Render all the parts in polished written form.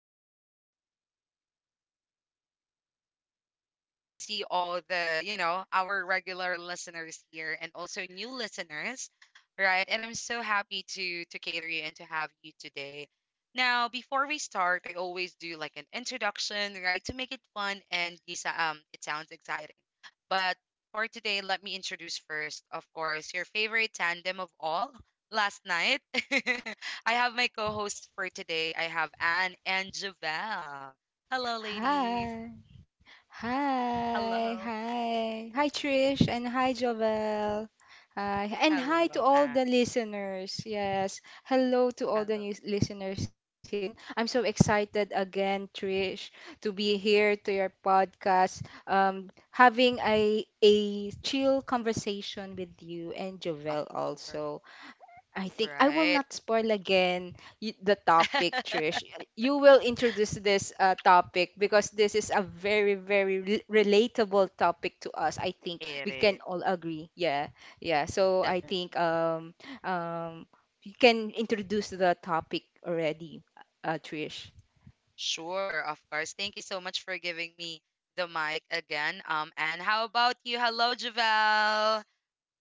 Right. So, you're back at it again. I can see all our regular listeners here and also new listeners, right? And I'm so happy to cater you and to have you today. Now, before we start, I always do like an introduction, right, to make it fun and it sounds exciting. But for today, let me introduce first, of course, your favorite tandem of all. Last night, I have my co-host for today. I have Anne and Javel. Hello, ladies. Hi, hi, Hello. hi, hi, Trish, and hi, Jovel. Hi, and hi to Hello, all and the listeners. Yes, hello to all hello. the new listeners here. And I'm so excited again, Trish, to be Mm, here to your podcast, having a chill conversation with you and of Jovel course, also. I think I will right? not spoil again the topic, Trish. You will introduce this topic because this is a very, very relatable topic to us. I think It we can is all agree. Yeah, yeah. So I definitely. think um, you can introduce the topic already, Trish. Sure, of course. Thank you so much for giving me the mic again. And how about you? Hello, Javel.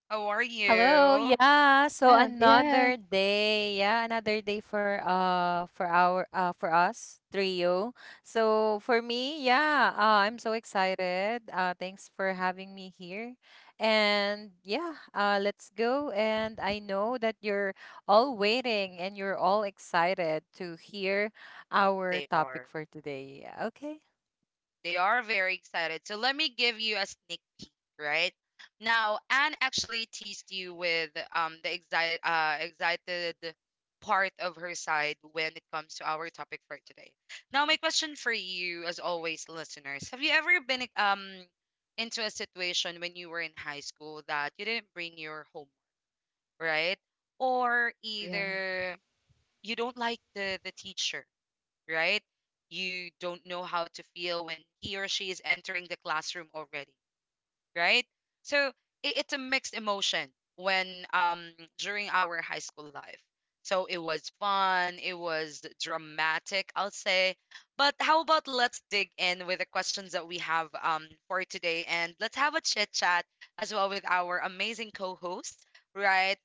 How are Hello. you? Yeah. Oh, So yeah, yeah, another day. Yeah, another day for our for us trio. So for me, yeah, I'm so excited. Thanks for having me here. And yeah, let's go. And I know that you're all waiting and you're all excited to hear our They topic are for today. Okay. They are very excited. So let me give you a sneak peek, right? Now, Anne actually teased you with the excited part of her side when it comes to our topic for today. Now, my question for you, as always, listeners, have you ever been into a situation when you were in high school that you didn't bring your homework, right? Or yeah. either you don't like the teacher, right? You don't know how to feel when he or she is entering the classroom already, right? So it's a mixed emotion when during our high school life. So it was fun, it was dramatic, I'll say. But how about let's dig in with the questions that we have for today and let's have a chit chat as well with our amazing co-hosts, right?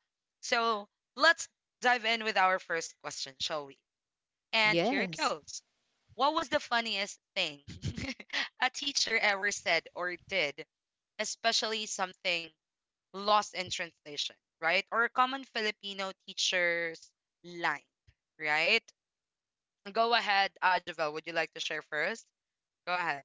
So let's dive in with our first question, shall we? And here it Yes. goes. What was the funniest thing a teacher ever said or did, especially something lost in translation, right? Or a common Filipino teacher's line, right? Go ahead, Javel. Would you like to share first? Go ahead.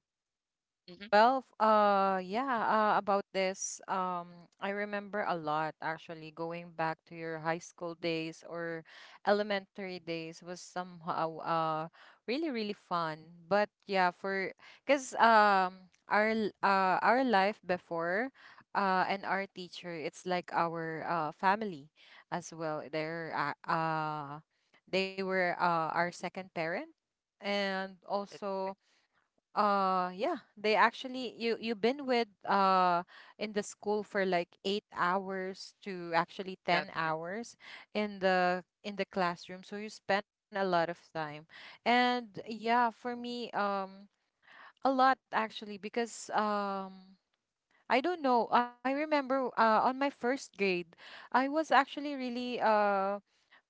Mm-hmm. Well, about this, I remember a lot actually. Going back to your high school days or elementary days was somehow really really fun. But yeah, for because our l- our life before and our teacher, it's like our family as well. They were our second parent and That's right. also. Uh yeah, they actually you've been with in the school for like 8 hours to actually Definitely 10 hours in the classroom, so you spend a lot of time. And yeah, for me a lot actually because I don't know. I remember on my first grade, I was actually really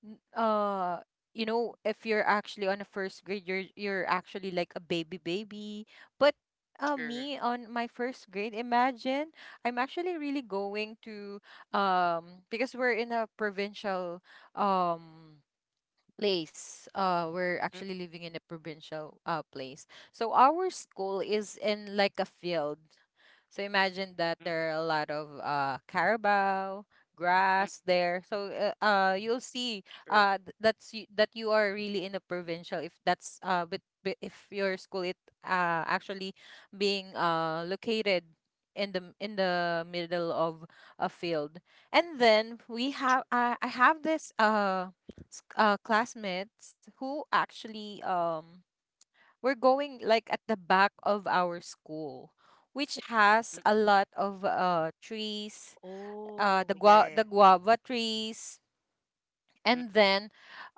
n- uh you know, if you're actually on a first grade you're actually like a baby baby, but true. me on my first grade, imagine I'm actually really going to because we're in a provincial um place. We're Mm, actually living in a provincial place. So our school is in like a field. So imagine that mm, there are a lot of carabao mm, mm, grass there. So you'll see true. That's that you are really in a provincial if that's but if your school it actually being located in the middle of a field. And then True. we have I have this classmates who actually were going like at the back of our school, which Mm. has a lot of trees, Oh, uh yeah, the yeah, yeah. gua- the guava trees, and then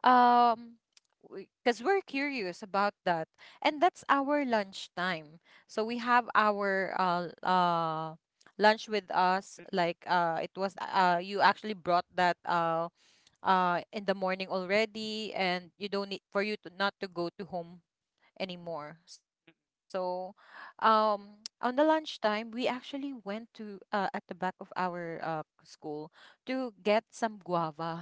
um because we're curious about that, and that's our lunch time. So we have our lunch with Mm, mm, us, like it was you actually brought that in the morning already, and you don't need for you to not to go to home anymore. So on the lunchtime, we actually went to at the back of our school to get some guava.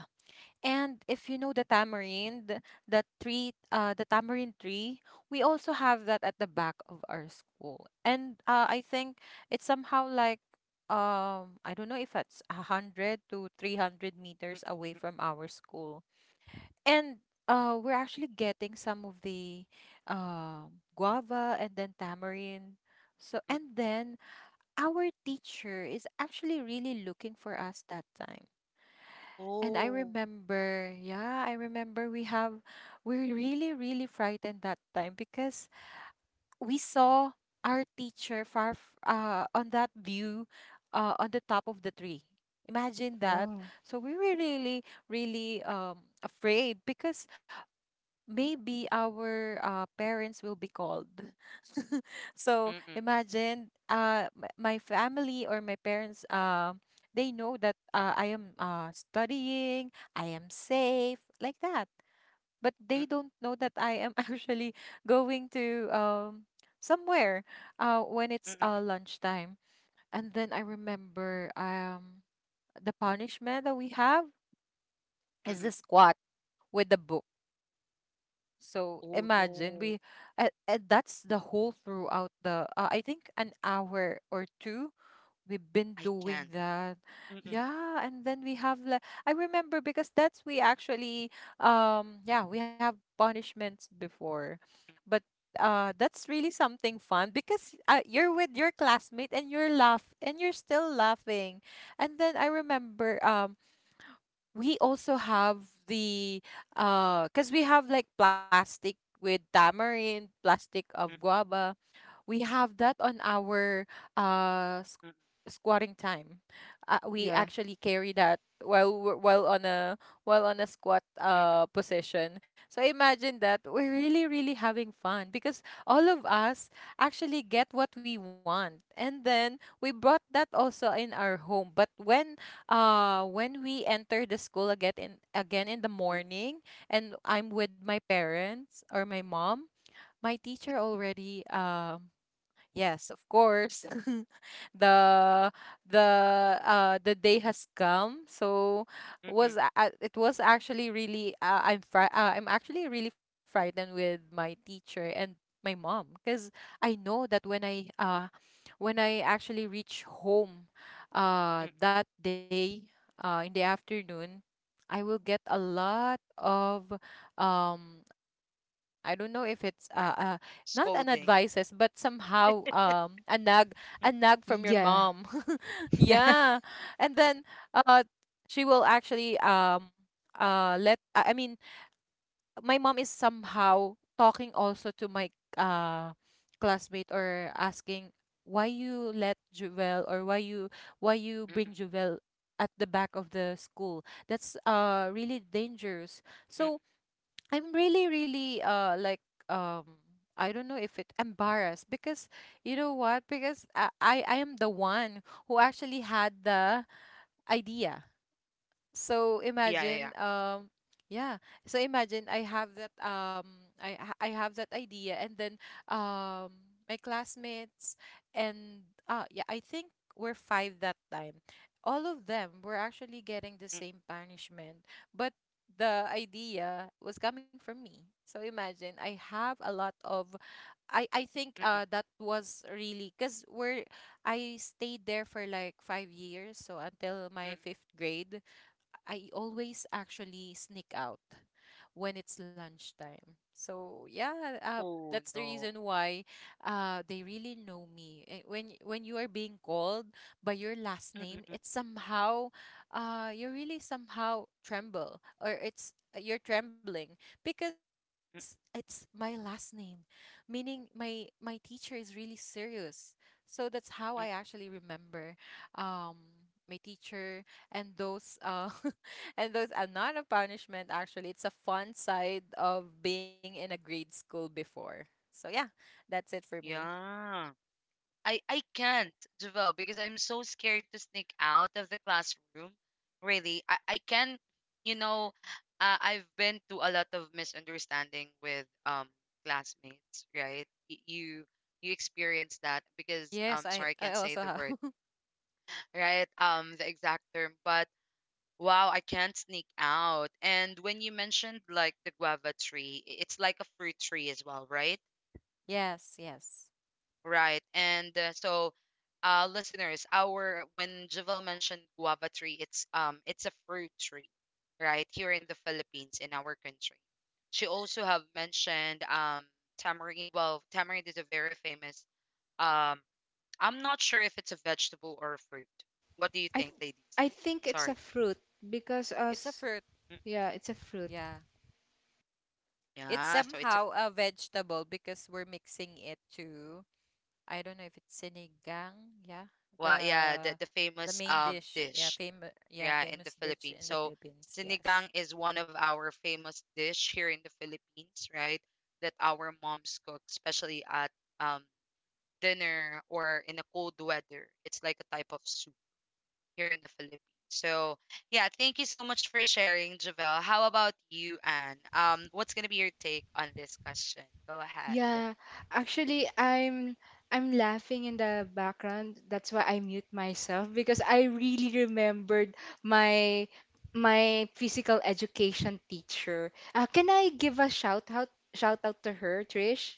And if you know the tamarind, the tree, the tamarind tree, we also have that at the back of our school. And I think it's somehow like, I don't know, if it's a hundred to three hundred mm, mm, meters away from our school. And we're actually getting some of the guava and then tamarind. So mm, mm. and then our teacher is actually really looking for us that time. And I Oh. remember, yeah, I remember we have, we're really, really frightened that time because we saw our teacher far on that Mm, view, on the top of the tree. Imagine that. Wow. So we were really, really afraid because maybe our parents will be called. So mm, imagine my family or my parents, they know that I am studying, I am safe, like that. But they mm, mm, don't know that I am actually going to somewhere when mm, it's mm, mm, mm, lunchtime. And then I remember the punishment that we have is the mm. squat with the book. So Oh imagine we, no, and that's the whole throughout the, I think an hour or two we've been I doing can't. that. Mm-mm, Yeah, and then we have like I remember because that's we actually yeah we have punishments before, mm, but that's really something fun because you're with your classmate and you're laugh and you're still laughing. And then I remember we also have the because we have like plastic with tamarind, plastic of mm, guava, we have that on our uh s- mm, squatting time. We Yeah. actually carry that while while on a squat mm, position. So imagine that we're really really having fun because all of us actually get what we want, and then we brought that also in our home. But when we enter the school again in the mm, morning, and I'm with my parents or my mom, my teacher already Yes, of course. the the the day has come. So mm, mm, it was actually really I'm actually really frightened with my teacher and my mom because I know that when I actually reach home mm. That day in the afternoon, I will get a lot of I don't know if it's not an advices but Scolding. somehow a nag, a nag from Mm, your mom Yeah. yeah. And then uh she will actually let I mean, my mom is somehow talking also to my uh classmate, or asking why you let Juvel, or why you mm, bring Juvel at the back of the school, that's really dangerous. mm. So I'm really, really like um I don't know if it embarrassed because you know what? Because I am the one who actually had the idea. So Yeah, yeah, imagine, yeah. Yeah. So imagine I have that, I have that idea, and then um, my classmates and yeah, I think we're five that time. All of them were actually getting the Mm, same punishment, but the idea was coming from me. So imagine I have a lot of I think mm, that was really cuz we're I stayed there for like 5 years, so until mm, mm. my 5th grade I always actually sneak out when it's lunchtime. So yeah, Oh that's the no. reason why they really know me. Eh, when you are being called by your Mm, last mm, name, mm, it's somehow you really somehow tremble, or it's you're trembling because it's mm, my last name, meaning my teacher is really serious. So that's how I mm. actually remember um, my teacher, and those and those are not a punishment, actually. It's a fun side of being in a grade school before. So, yeah, that's it for me. Yeah. I can't, Javel, because I'm so scared to sneak out of the classroom. Really, I can, you know, I've been to a lot of misunderstanding with classmates, right? You experience that because Yes, sorry, I I can't say also the have. word, right? The exact term, but wow, I can't sneak out. And when you mentioned like the guava tree, it's like a fruit tree as well, right? Yes, yes. Right. And so, listeners, our when Javel mentioned guava tree, it's a fruit tree, right? Here in the Philippines, in our country. She also have mentioned tamarind. Well, tamarind is a very famous. Um, I'm not sure if it's a vegetable or a fruit. What do you I think, th- ladies? I think it's a Sorry. fruit because It's a us. fruit. Mm, Yeah, it's a fruit. Yeah. It's yeah. So it's a somehow a vegetable because we're mixing it to, I don't know if it's sinigang. Yeah. well, yeah, the The the famous main dish. Yeah, dish. Yeah, in the famous dish Philippines. in the So Philippines. sinigang Yes. is one of our famous dish here in the Philippines, right? That our moms cook, especially at um, dinner or in a cold weather. It's like a type of soup here in the Philippines. So yeah, thank you so much for sharing, Javel. How about you, Anne? What's gonna be your take on this question? Go ahead. Yeah, actually, I'm laughing in the background. That's why I mute myself because I really remembered my physical education teacher. Can I give a shout out to her, Trish?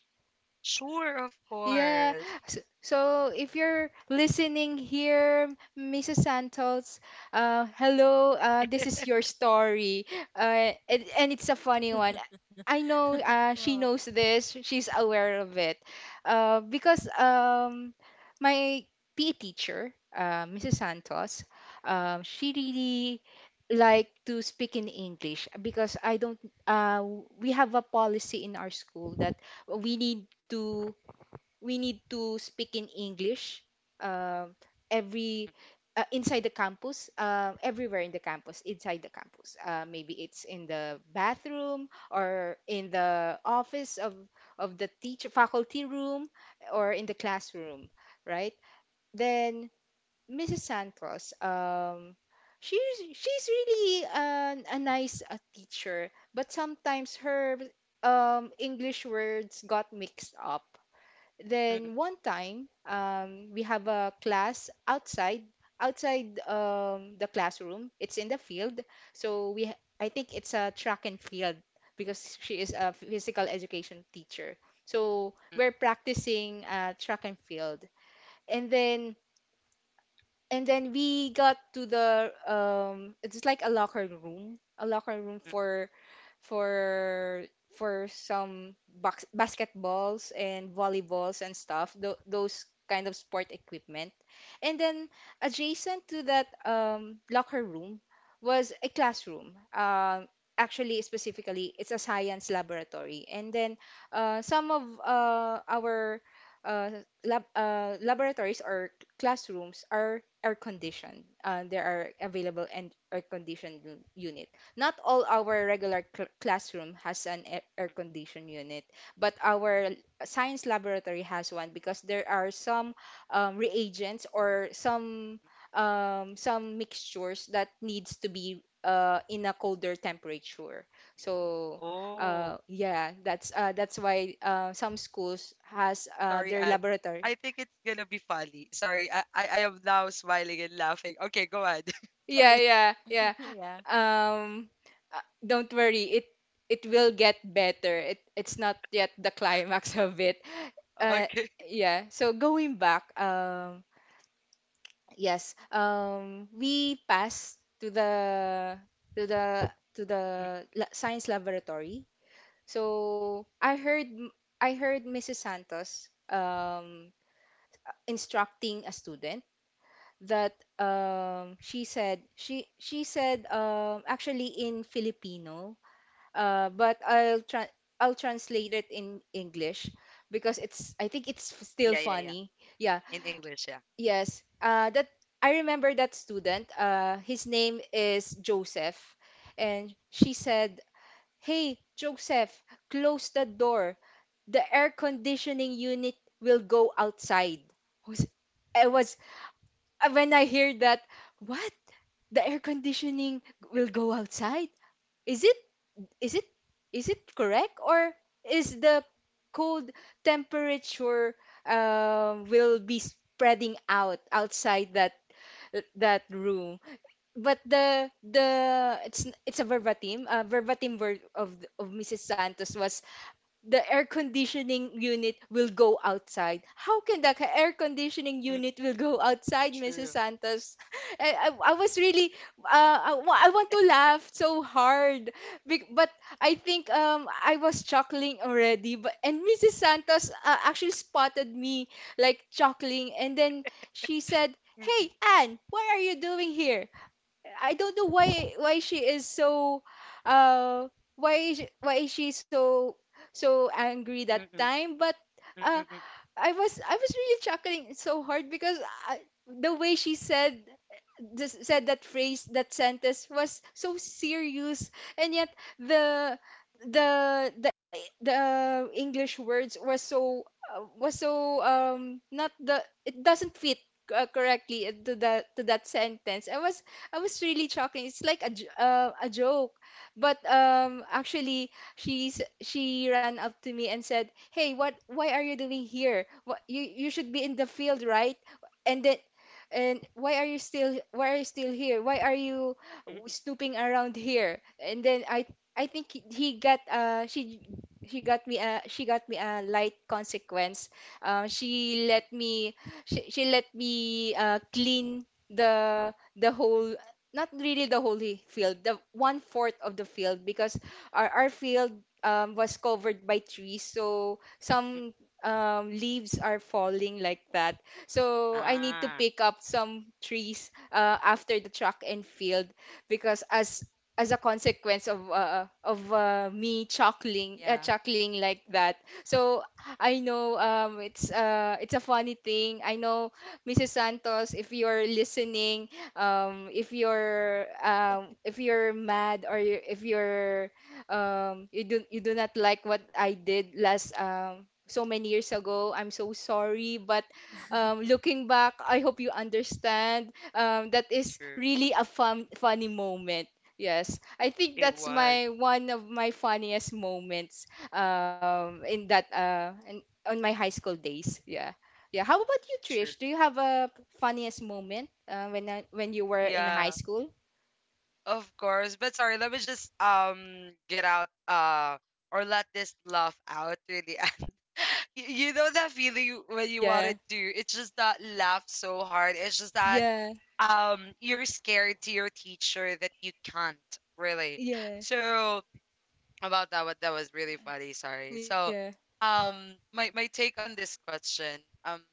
Sure, of Yeah. course. So if you're listening here, Mrs. Santos, hello. This is your story, and, it's a funny one. I know she Wow. knows this. She's aware of it, because my PE teacher, Mrs. Santos, she really like to speak in English because I don't. Uh, we have a policy in our school that we need to we need to speak in English uh, every inside the campus, everywhere in the campus, inside the campus. Maybe it's in the bathroom or in the office of the teacher faculty room, or in the classroom, right? Then Mrs. Santos, she's really a nice teacher, but sometimes her English words got mixed up. Mm, mm, Then one time, we have a class outside, the classroom. It's in the field. So I think it's a track and field because she is a physical education teacher. So mm, we're practicing track and field. And then, and then we got to it's like a locker room, mm, for for for some box, basketballs and volleyballs and stuff, th those kind of sport equipment. And then adjacent to that locker room was a classroom. Actually, specifically, it's a science laboratory. And then some of our uh, laboratories or classrooms are air mm, conditioned. There are available and air conditioned unit. Not all our regular classroom has an air conditioned unit, but our science laboratory has one because there are some reagents, or mm. Some mixtures that needs to be in a colder temperature. So Oh. yeah, that's why some schools has Sorry, their and I laboratory. think it's gonna be funny. Sorry, I am now smiling and laughing. Okay, go ahead. Sorry. Yeah, yeah, yeah. Yeah. Um, don't worry. It will get better. It's not yet the climax of it. Uh, Okay. yeah. So going back, yes, we passed to the to Mm, the science laboratory. So I heard Mrs. Santos instructing a student that, she said, actually in Filipino, but I'll translate it in English because it's I think it's still yeah, yeah, yeah. funny. Yeah, In English, yeah. yes. That I remember that student. His name is Joseph, and she said, "Hey, Joseph, close the door. The air conditioning unit will go outside." I was I was- when I hear that. What? The air conditioning will go outside. Is it is it is it correct, or is the cold temperature, will be spreading out outside that room? But the it's a verbatim verbatim word of Mrs. Santos was the air conditioning unit will go outside. How can the air conditioning Mm, unit will go outside, true. Mrs. Santos? I was really, I want to laugh so hard. But I think I was chuckling already. But and Mrs. Santos actually spotted me like chuckling, and then she said, Mm, mm, "Hey, Anne, what are you doing here?" I don't know why she is uh why is she so angry that mm, mm, time, but uh mm, mm, I was really chuckling so hard because I, the way she said just said that phrase, that sentence was so serious, and yet the the the the English words were so, was so not — the it doesn't fit correctly to the to that sentence. I was really shocking. It's like a a joke, but actually she ran up to me and said, "Hey, what? Why are you doing here? What you should be in the field, right?" And then and why are you still here? Why are you mm, mm, snooping around here? And then I think he got she got me a she got me a light consequence. Uh, she mm, let me she let me clean the whole — not really the whole field, the one fourth of the field, because our field, was covered by trees, so mm. some leaves are falling like that, so I need to Ah, pick up some trees after the track and field, because as a consequence of me chuckling, Yeah. Like that. So I know, it's a funny thing. I know Mrs. Santos, if you're listening, if you're mad or you if you're you do not like what I did, last so many years ago. I'm so sorry, but looking back, I hope you understand. That is true. really a funny moment. Yes, I think It that's was my one of my funniest moments, in that, on my high school days. Yeah, yeah. How about you, true. Trish? Do you have a funniest moment when when you were in Yeah, high school? of course. But sorry, let me just get out or let this laugh out really and you know that feeling when you Yeah, wanted to. It's just that laugh so hard. It's just that yeah, you're scared to your teacher that you can't really. yeah, So about that, what, that was really funny, sorry. yeah. So my take on this question. um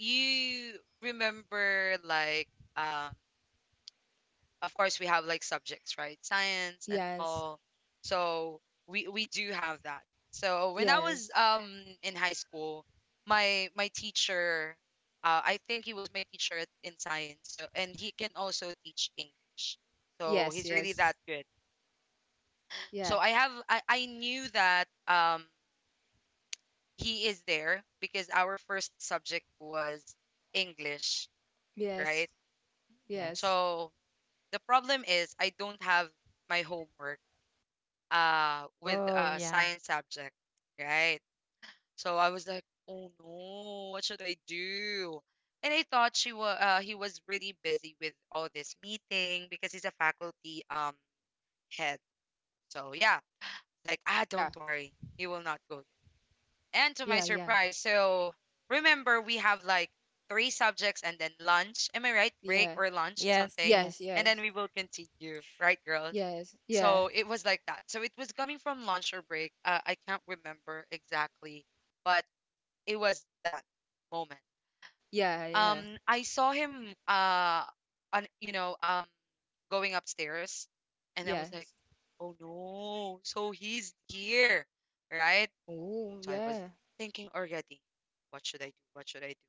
you remember, like, um of course we have like subjects, right? Science and Yes, all. So we do have that. So when I yes, was in high school, my teacher, I think he was my teacher in science, so and he can also teach English, so yes, he's really yes. that good. Yeah, So I knew that he is there because our first subject was English, yes, right? yes. Yes. So the problem is I don't have my homework with a Oh, yeah. science subject, right? So I was like, "Oh no, what should I do?" And I thought she was he was really busy with all this meeting because he's a faculty head. So yeah, like, "Ah, Yeah, don't worry. He will not go there." And to yeah, my yeah. surprise, so remember we have like three subjects and then lunch. Am I right? Break Yeah. or lunch, Yes, something. Yes, yes. And then yes, we will continue, right, girls? yes, yeah, So it was like that. So it was coming from lunch or break. I can't remember exactly, but it was that moment. yeah, yeah, I saw him on going upstairs, and I was like, yes. oh no, so he's here, right? Oh, So I yeah, was thinking already, what should I do? What should I do?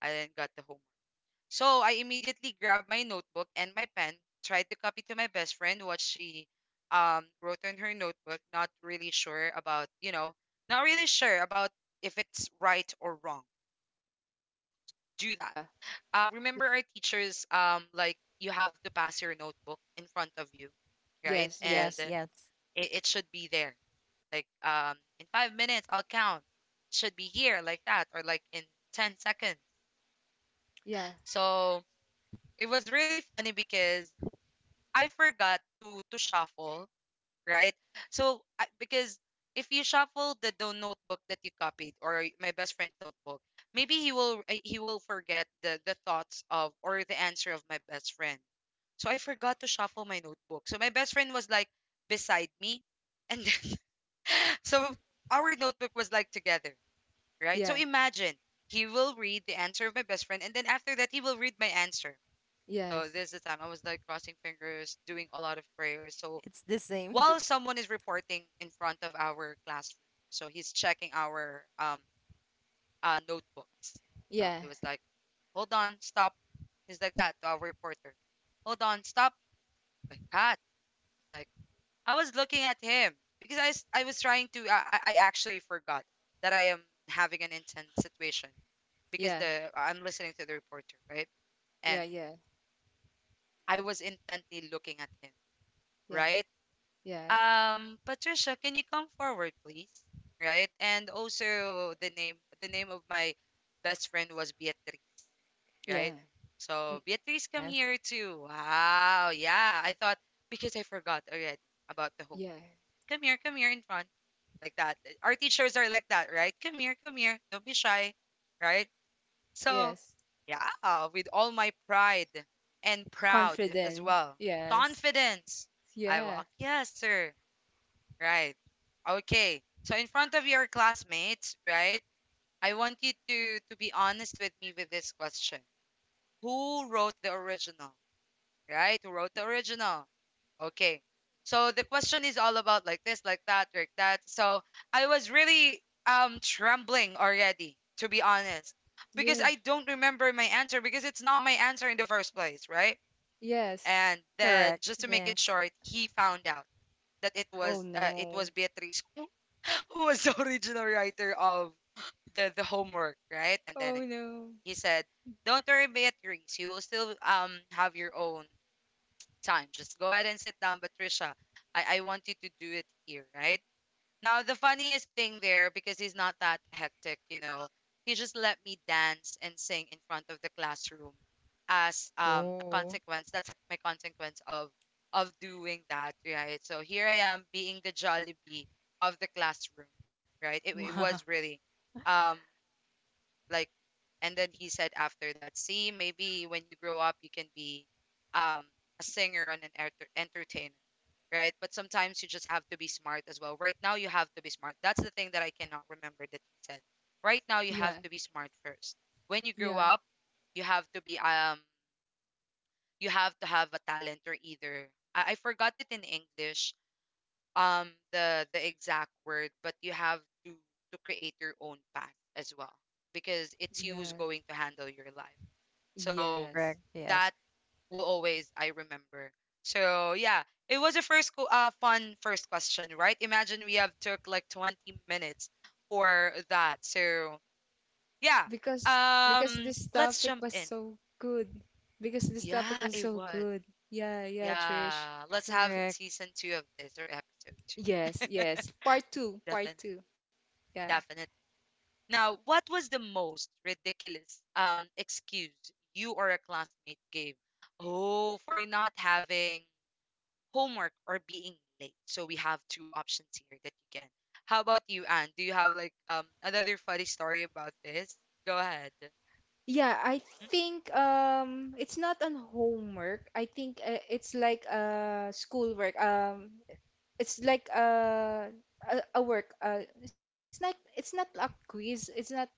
I then got the homework. So I immediately grabbed my notebook and my pen, tried to copy to my best friend what she wrote in her notebook, not really sure about, you know, not really sure about if it's right or wrong. So I just do that. yeah, Remember our teachers like you have to pass your notebook in front of you, right? yes, And yes, Yes, yes. it should be there like in 5 minutes I'll count. Should be here like that or like in 10 seconds. yeah, So it was really funny because I forgot to shuffle, right? So because if you shuffle the notebook that you copied or my best friend's notebook, maybe he will forget the thoughts of or the answer of my best friend. So I forgot to shuffle my notebook. So my best friend was like beside me, and then so our notebook was like together. Right? yeah, So imagine he will read the answer of my best friend, and then after that, he will read my answer. So yes, this is the time I was like crossing fingers, doing a lot of prayers. So It's the same. while someone is reporting in front of our classroom, so he's checking our notebooks. yeah, So he was like, "Hold on, stop." He's like that to our reporter. "Hold on, stop." Like that. Like I was looking at him because I was trying to I actually forgot that I am having an intense situation. yeah, Because the I'm listening to the reporter, right? yeah, And yeah, I was intently looking at him, yeah, right? yeah, Patricia, can you come forward, please? Right? And also the name of my best friend was Beatrice, yeah, right? mm, So Beatrice come Yes. here too. Wow, yeah. I thought because I forgot already about the homework. yeah, Come here in front. Like that. Our teachers are like that, right? Come here, come here. Don't be shy. Right? So, yes. yeah, with all my pride and proud as Confident, well. yes, Confidence. I yeah, walk, yes, sir. Right. Okay. So in front of your classmates, right? I want you to be honest with me with this question. Who wrote the original? Right? Who wrote the original? Okay. So the question is all about like this, like that, like that. So I was really trembling already, to be honest, because yeah, I don't remember my answer because it's not my answer in the first place, right? yes. And then Correct. just to make it Yes. short, he found out that it Oh was uh, it no, was Beatrice who was the original writer of the homework, right? And oh then no. he said, "Don't worry, Beatrice, you will still have your own." time. Just go ahead and sit down, Patricia. I want you to do it here, right? Now, the funniest thing there, because he's not that hectic, he just let me dance and sing in front of the classroom as a Oh. consequence. That's my consequence of doing that, right? So here I am being the Jollibee of the classroom, right? It Wow. was really. Um, like and then he said after that, see, maybe when you grow up, you can be um a singer and an entertainer, right? But sometimes you just have to be smart as well. Right now, you have to be smart. That's the thing that I cannot remember that he said. Right now, you Yeah, have to be smart first. When you grow yeah, up, you have to be you have to have a talent or either I forgot it in English, the exact word, but you have to to create your own path as well, because it's you who's yeah, going to handle your life. So yes. Correct. that Yes. will always I remember. So yeah, it was a fun first question, right? Imagine we have took like 20 minutes for that. So yeah, Because because this let's topic jump was in. so good. Because this topic Yeah, was it so was. good. Yeah, yeah, Trish. Yeah, let's have Correct. season two of this, or episode two. Yes, yes. Part two, part two. Yeah. Definitely. Now, what was the most ridiculous excuse you or a classmate gave? Oh, for not having homework or being late. So we have two options here that you can. How about you, Anne? Do you have like another funny story about this? Go ahead. Yeah, I Mhm. think it's not on homework. I think it's like schoolwork. It's like a work. It's not a quiz. It's not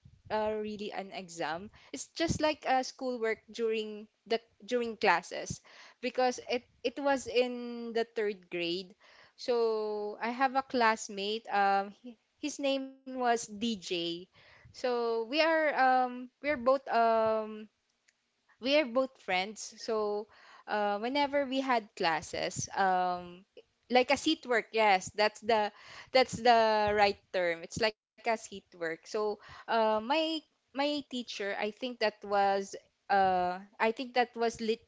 really an exam. It's just like a schoolwork during the during classes, because it was in the third grade. So I have a classmate. His name was DJ. So we are we are both friends, so whenever we had classes, like a seat work, yes, that's the right term. It's like a seat work. So uh, my my teacher, I think that was lit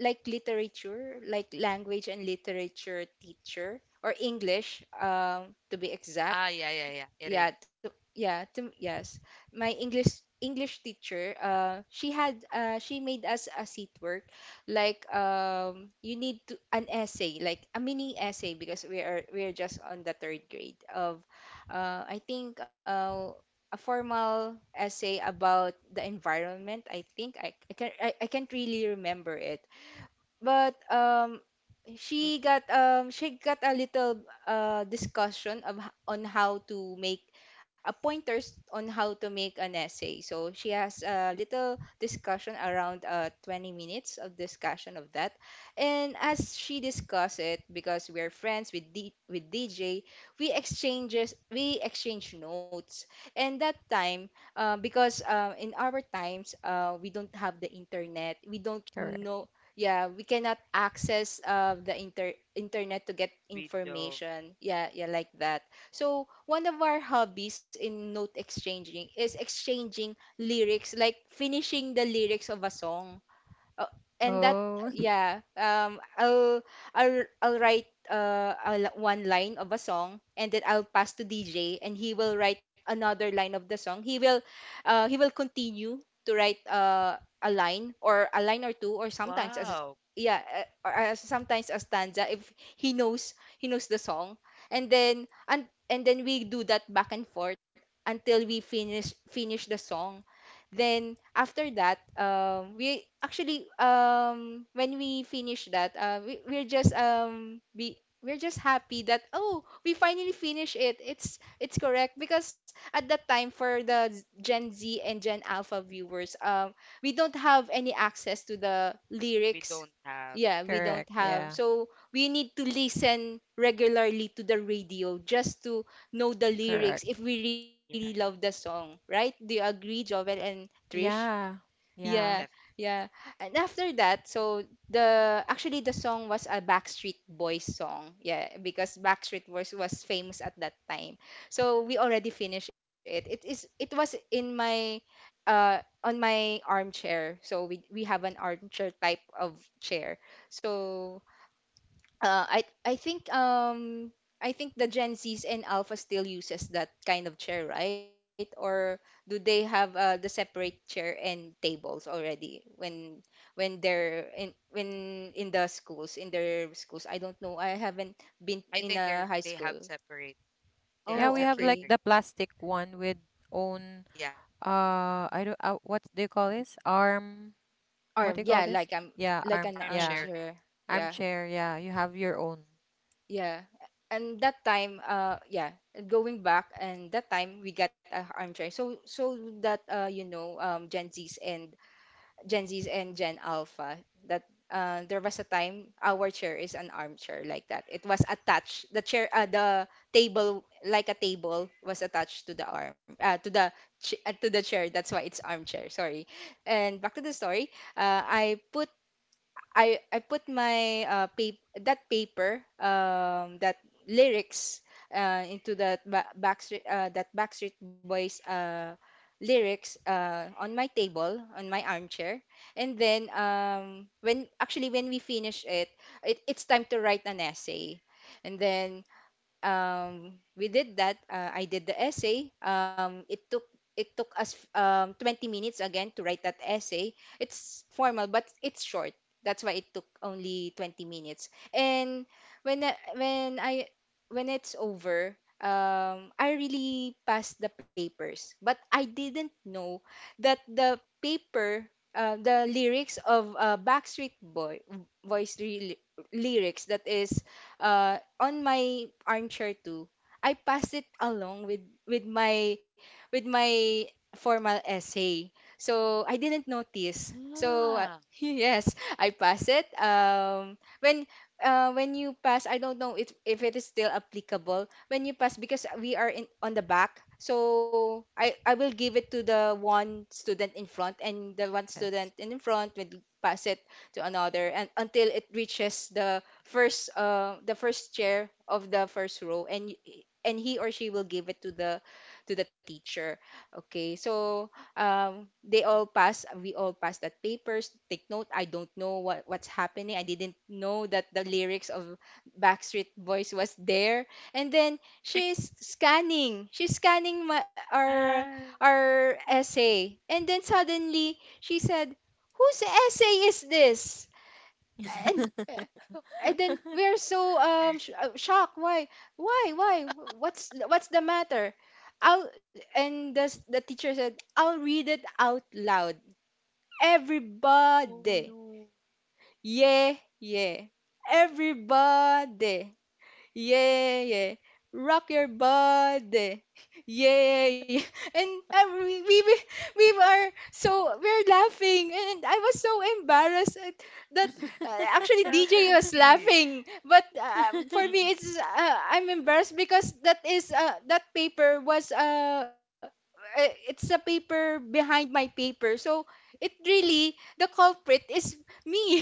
like literature, like language and literature teacher, or English, to be exact. Ah, yeah, yeah, yeah. It is. Yeah, to, yeah, to, yes. My English teacher, she made us a seat work, like, you need to an essay, like a mini essay, because we are just on the third grade of, I think a formal essay about the environment. I think I can't really remember it, but Mm. She got a little discussion on how to make pointers on how to make an essay. So she has a little discussion around 20 minutes of discussion of that. And as she discuss it, because we're friends with D with DJ, we exchange notes. And that time, because in our times, we don't have the internet. We don't Correct. know, yeah, we cannot access the internet to get We don't. information, yeah, yeah, like that. So one of our hobbies in note exchanging is exchanging lyrics, like finishing the lyrics of a song. Oh, and that Oh, yeah, I'll write one line of a song, and then I'll pass to DJ and he will write another line of the song. He will continue to write a line — or a line or two, or sometimes as — Wow, yeah, or sometimes a stanza if he knows the song. And and then we do that back and forth until we finish the song. Then after that, we actually, when we finish that, we're just happy that, oh, we finally finish it. It's correct because at that time, for the Gen Z and Gen Alpha viewers, we don't have any access to the we lyrics. don't have. Yeah, we don't correct. have. Yeah. So we need to listen regularly to the radio just to know the Correct. lyrics if we really love the Yes, song, right? Do you agree, Jovel and Trish. Yeah. Yeah. Yeah, definitely. yeah. And after that, so the actually the song was a Backstreet Boys song. Yeah, because Backstreet Boys was famous at that time. So we already finished it. It is it was in my uh on my armchair. So we have an armchair type of chair. So I think I think the Gen Zs and Alpha still uses that kind of chair, right? Or do they have the separate chair and tables already when in the schools in their schools? I don't know. I haven't I been think they in are, a they high have school. separate. They Yeah, have we have Oh, separate like area. the okay. plastic one with own Yeah, I don't what do you call this? Arm. What do Arm, you call yeah, this? like I'm Yeah, like arm. an Yeah. armchair. armchair. Yeah. Armchair. Yeah, you have your own. Yeah. And that time, yeah, going back, and that time we got a armchair. So, so that you know, Gen Zs and Gen Alpha, that there was a time our chair is an armchair like that. It was attached. The chair, the table, like a table, was attached to the arm, to the chair. That's why it's armchair. Sorry. And back to the story. I put I put my paper that lyrics into that ba Backstreet that Backstreet Boys lyrics on my table on my armchair, and then when we finish it, it's time to write an essay, and then we did that. I did the essay. It took us 20 minutes again to write that essay. It's formal, but it's short. That's why it took only 20 minutes. And when I, when it's over, I really passed the papers, but I didn't know that the paper. The lyrics of Backstreet Boy Boys re- lyrics that is on my armchair too, I passed it along with my formal essay. So I didn't notice. So Yeah. yes, I pass it. When you pass, I don't know if it is still applicable. When you pass, because we are in on the back, so I will give it to the one student in front, and the one Yes. student in front will pass it to another, and until it reaches the first chair of the first row, and and he or she will give it to the teacher. Okay, so they all pass, we all pass that papers. Take note, I don't know what's happening. I didn't know that the lyrics of Backstreet Boys was there. And then she's scanning my Ah, our essay, and then suddenly she said, whose essay is this? And then we're so shocked. Why? Why? Why? What's the matter? I'll, and the teacher said, I'll read it out loud. oh Everybody. no. Yeah, yeah. Everybody. Yeah, yeah. Rock your body. Yeah, yeah. And we are so we're laughing, and I was so embarrassed at that. Actually DJ was Definitely. laughing, but for me Mm-mm. it's I'm embarrassed because that is that paper was it's a paper behind my paper, so it really the culprit is me.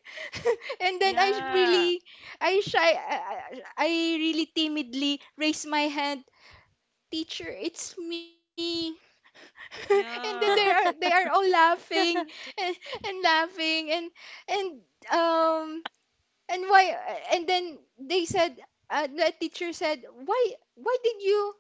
And then I really Yeah. I shy. I really timidly raise my hand. Teacher, it's me. And then they Yeah. are all laughing, and, and laughing, and um and why. And then they said, the teacher said, why why did you,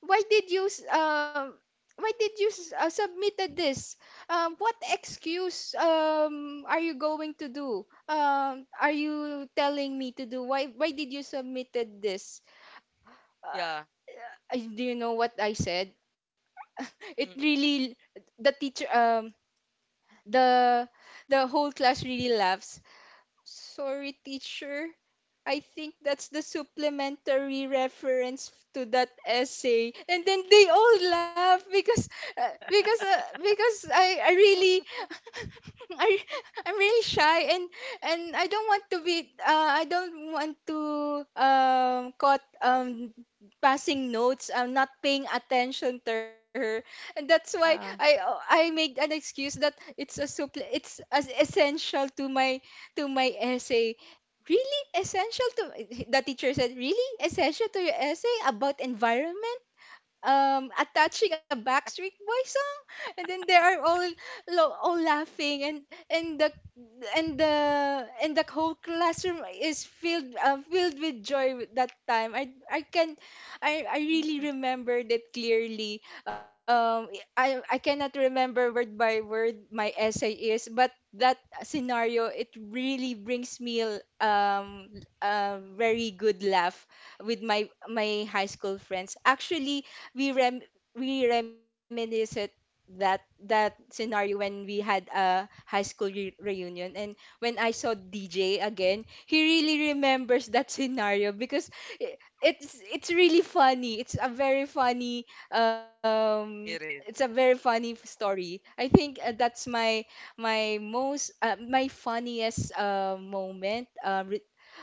why did you why did you submitted this, what Mm. excuse are you going to do, are you telling me to do, why did you submitted this? Yeah. uh, do you know what I said? It Mm. really the teacher the the whole class really laughs. Sorry, teacher. I think that's the supplementary reference to that essay. And then they all laugh because because I really I I'm really shy, and I don't want to be I don't want to caught passing notes. I'm not paying attention to her, and that's why Yeah. I made an excuse that it's a supple it's as essential to my essay. Really essential to the teacher said, really essential to your essay about environment? Um, attaching a Backstreet Boy song. And then they are all all laughing, and the and the whole classroom is filled filled with joy with that time. I can, I really Mm-mm. remembered it clearly. Um, I cannot remember word by word my essay is, but that scenario, it really brings me um a very good laugh with my high school friends. Actually, we rem we reminisce it, that scenario, when we had a high school reunion. And when I saw DJ again, he really remembers that scenario because it's really funny. It's a very funny um it's It a is. very funny story. I think that's my my most my funniest moment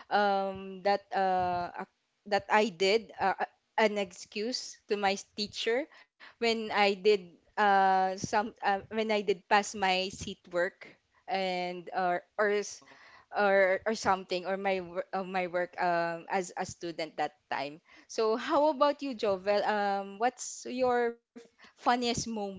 um, that uh, ac- that I did an excuse to my teacher when I did some when I did pass my seat work and Oh no. Or something, or my work as a student that time. So how about you, Jovel? What's your funniest moment?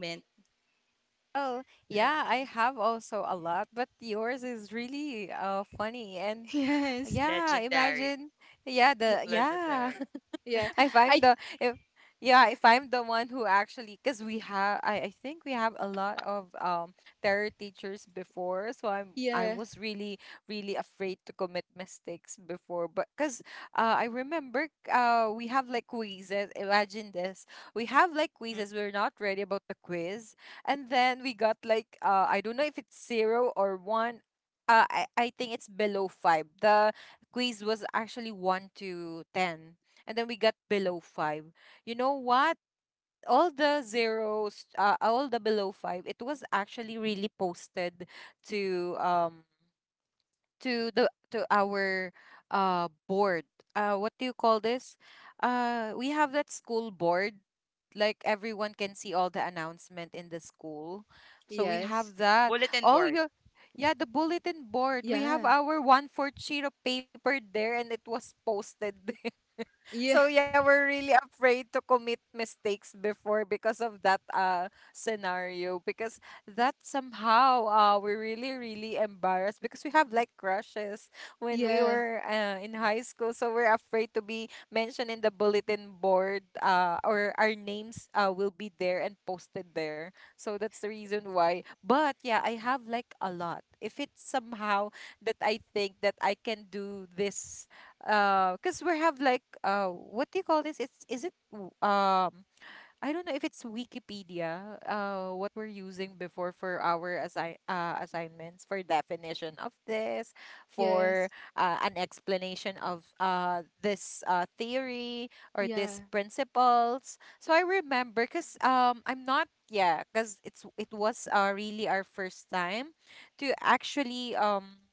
Well, Right. yeah, I have also a lot, but yours is really funny and Yes. yeah, Legendary. imagine yeah, N- the yeah. Legendary. Yeah. If I I'm the if yeah, if I'm the one who actually, because we have, I think we have a lot of terror teachers before, so I yeah. was really really afraid to commit mistakes before, but because I remember we have like quizzes. Imagine this, we have like Mm-mm. quizzes. We're not ready about the quiz, and then we got like I don't know if it's zero or one. I think it's below five. The quiz was actually one to ten, and then we got below five. You know what? All the zeros, all the below five, it was actually really posted to the to our board. What do you call this? We have that school board. Like everyone can see all the announcement in the school. So we Yes. have that. Bulletin All your board. yeah, the bulletin board. We have Yeah. our one fourth sheet of paper there, and it was posted there. So Yeah. yeah, we're really afraid to commit mistakes before because of that scenario. Because that somehow we're really really embarrassed because we have like crushes when we Yeah. were in high school, so we're afraid to be mentioned in the bulletin board or our names will be there and posted there. So that's the reason why. But yeah, I have like a lot, if it's somehow that I think that I can do this. Because we have like what do you call this, it's is it w- I don't know if it's Wikipedia, what we're using before for our assignments, for definition of this, for Yes. An explanation of this theory or Yeah, this principles. So I remember because I'm not yeah because it's it was really our first time to actually um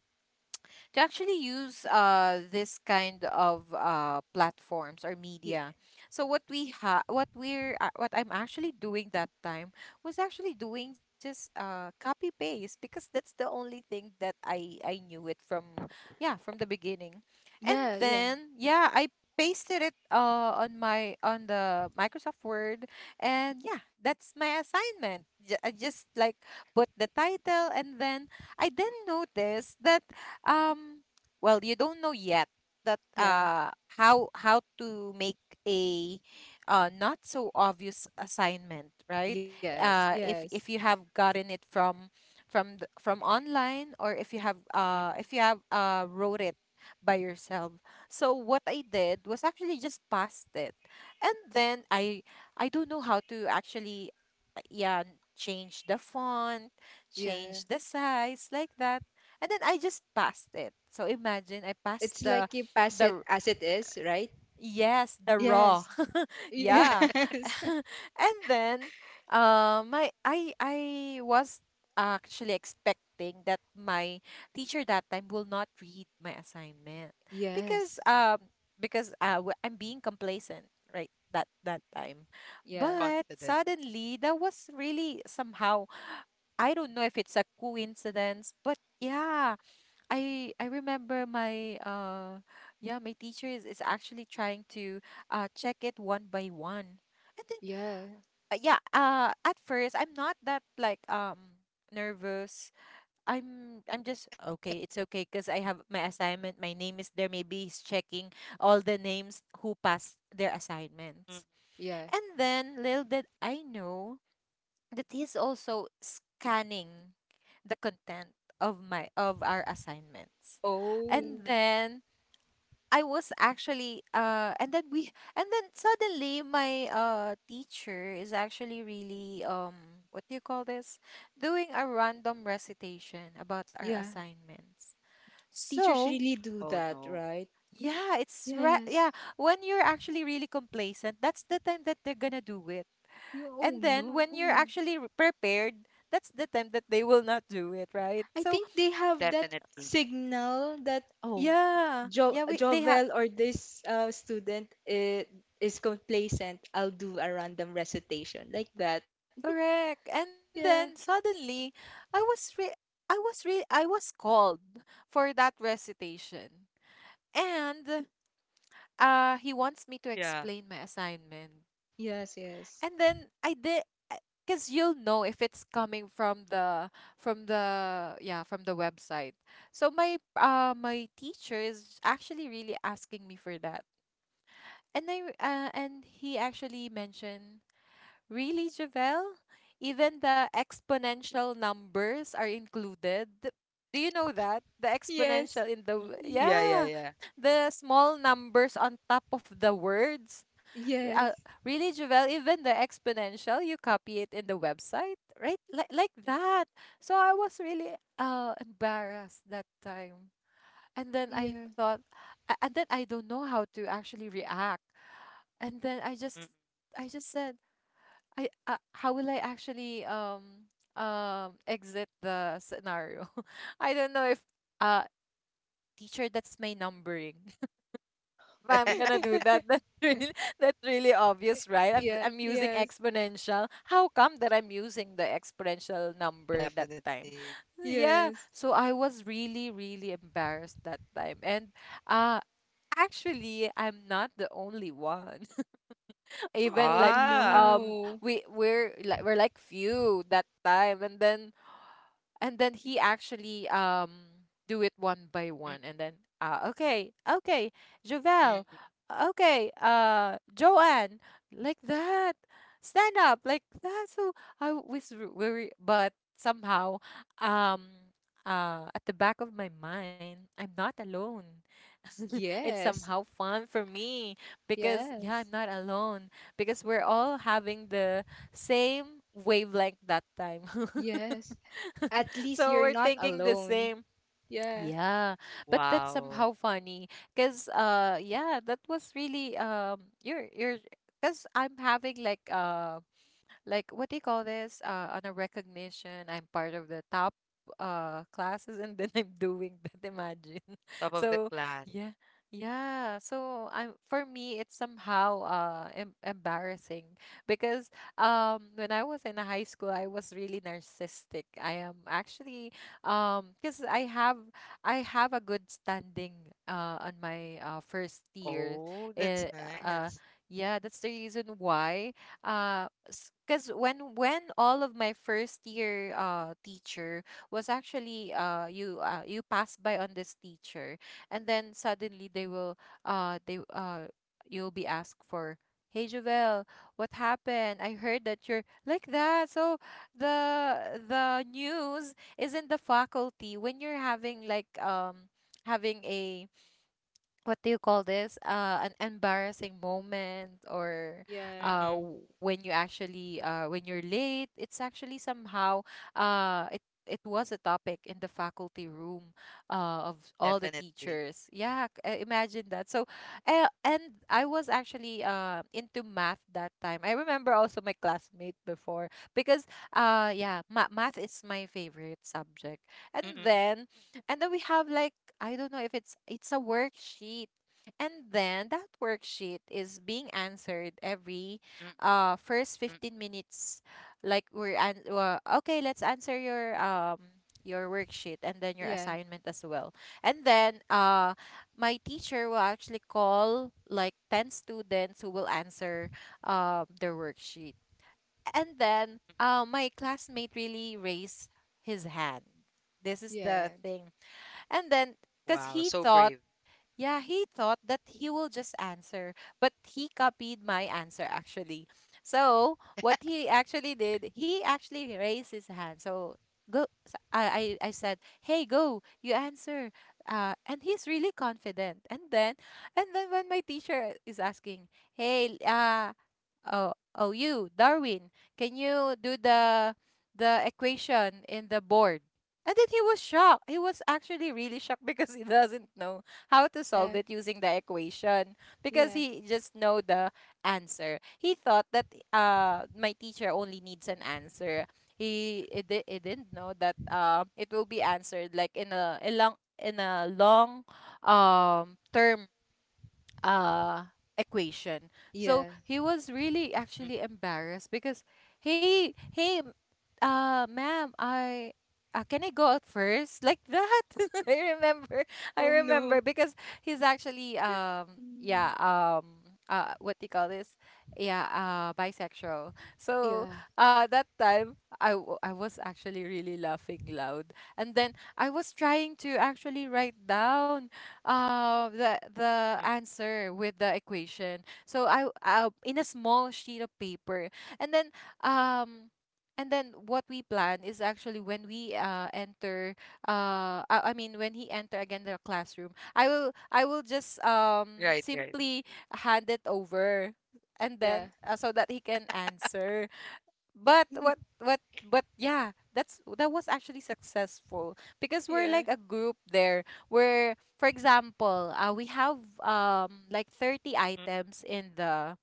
to actually use this kind of platforms or yeah, media. So what we ha what we're what I'm actually doing that time was actually doing just copy paste because that's the only thing that I knew it from yeah from the beginning. And yeah, yeah, then yeah, I pasted it on my on the Microsoft Word and yeah, that's my assignment. I just like put the title and then I then noticed that um well you don't know yet that yeah. How to make a not so obvious assignment, right? Yes, if yes, if you have gotten it from the, from online, or Mm-mm. if you have wrote it by yourself. So what I did was actually just passed it and then I don't know how to actually uh, yeah change the font, yeah. change the size like that. And then I just passed it. So imagine I passed It's the like you pass the it r- as it is, right? yes, the Yes, raw. Yeah. yes, And then my I was actually expecting that my teacher that time will not read my assignment because yes, um because I'm being complacent, right? That time. yeah, But Confident. suddenly that was really somehow, I don't know if it's a coincidence, but yeah, I remember my yeah my teacher is actually trying to check it one by one. And then yeah, yeah at first I'm not that like nervous. I'm just okay, it's okay, because I have my assignment, my name is there, maybe he's checking all the names who passed their assignments. Mm. yeah. And then little did I know that he's also scanning the content of my of our assignments. Oh, And then I was actually and then we and then suddenly my teacher is actually really what do you call this, doing a random recitation about our yeah. assignments. Teachers So really do Oh that, no. right? yeah, Yes. yeah, when you're actually really complacent, that's the time that they're gonna do it. You, oh And then when no. you're actually prepared, that's the time that they will not do it, right? I So think they have that Definitely. signal that oh, yeah, jo yeah, we they have Jovel or this student is complacent. I'll do a random recitation like that. correct. And Yeah. then suddenly, I was re- I was called for that recitation, and he wants me to Yeah. explain my assignment, Yes, yes. and then I did. Because you'll know if it's coming from the yeah from the website. So my my teacher is actually really asking me for that. And and he actually mentioned, "Really, Javel? Even the exponential numbers are included? Do you know that? The Yes. exponential in the Mm. Yeah, yeah, yeah, yeah. the small numbers on top of the words. R- Uh, Yes. really, Javel? Even the exponential, you copy it in the website, right? Like that. So I was really embarrassed that time, and then Yeah. I thought, and then I don't know how to actually react. And then Mm. I just said, I, how will I actually exit the scenario? I don't know if uh teacher, that's my numbering. If I'm gonna do that, that's really, that's really obvious, right? I'm Yeah. I'm using Yes. exponential. How come that I'm using the exponential number that time? Definitely. Yeah. Yes. So I was really, really embarrassed that time. And uh actually, I'm not the only one. Even Oh like Ah. No. We're like few that time. And then and then he actually do it one by Mm, one. And then okay, okay, mm, Jovel, mm. okay, Joanne, like that, stand up like that. So very, but somehow um at the back of my mind, I'm not alone. It's Yes. somehow fun for me because yeah, Yes. I'm not alone, because we're all having the same wavelength that time. Yes. At least So you're we're not thinking the alone. same. Yeah. Yeah, but that's Wow. somehow funny because yeah, that was really you're because I'm having like what do you call this, on a recognition, I'm part of the top classes, and then I'm doing that. Imagine. Top of the So class. yeah, yeah, so I'm for me it's somehow embarrassing, because when I was in high school I was really narcissistic, I am actually, because I have a good standing on my first year. Oh, that's Eh, nice. uh yeah that's the reason why, uh because when all of my first year teacher was actually you pass by on this teacher, and then suddenly they will they you'll be asked for, hey Jovel, what happened, I heard that you're like that. So the news is in the faculty when you're having like having a what do you call this an embarrassing moment, or Yeah. Mm-mm, when you actually when you're late, it's actually somehow it was a topic in the faculty room, of all the definitely. teachers. Yeah, imagine that. So, and I was actually into math that time. I remember also my classmate before because, yeah, math is my favorite subject. And Mm-mm, then, and then we have like, I don't know if it's a worksheet. And then that worksheet is being answered every mm-mm, first mm-mm. 15 minutes, like we're an okay, let's answer your worksheet and then your Yeah. assignment as well. And then my teacher will actually call like 10 students who will answer their worksheet. And then my classmate really raised his hand. This is the Yeah. thing, and then, Wow, because so he brave. thought, yeah, he thought that he will just answer, but he copied my answer actually. So what he actually did, he actually raised his hand. So go, so I said, "Hey, go, you answer." And he's really confident. And then when my teacher is asking, "Hey, oh, oh, you, Darwin, can you do the equation in the board?" And then he was shocked. He was actually really shocked. Because he doesn't know how to solve Yeah. it using the equation, because Yeah. he just know the answer. He thought that my teacher only needs an answer. He it, it didn't know that it will be answered like in a long in a long term uh equation. So Yeah. he Mm. was really actually embarrassed because hey hey ma'am, I can I go out first, like that. I remember, I Oh no. remember, because he's actually Mm. What do you call this, yeah, bisexual. So Yeah. That time I was actually really laughing loud, and then I was trying to actually write down Mm. the answer with the equation. So I in a small sheet of paper, and then um. And then what we plan is actually when we enter, I mean when he enter again the classroom, I will Right, just right. Simply hand it over, and Yeah. then so that he can answer. But what but yeah, that's that was actually successful because we're Yeah. like a group there where, for example, we have like Mm-mm. 30 items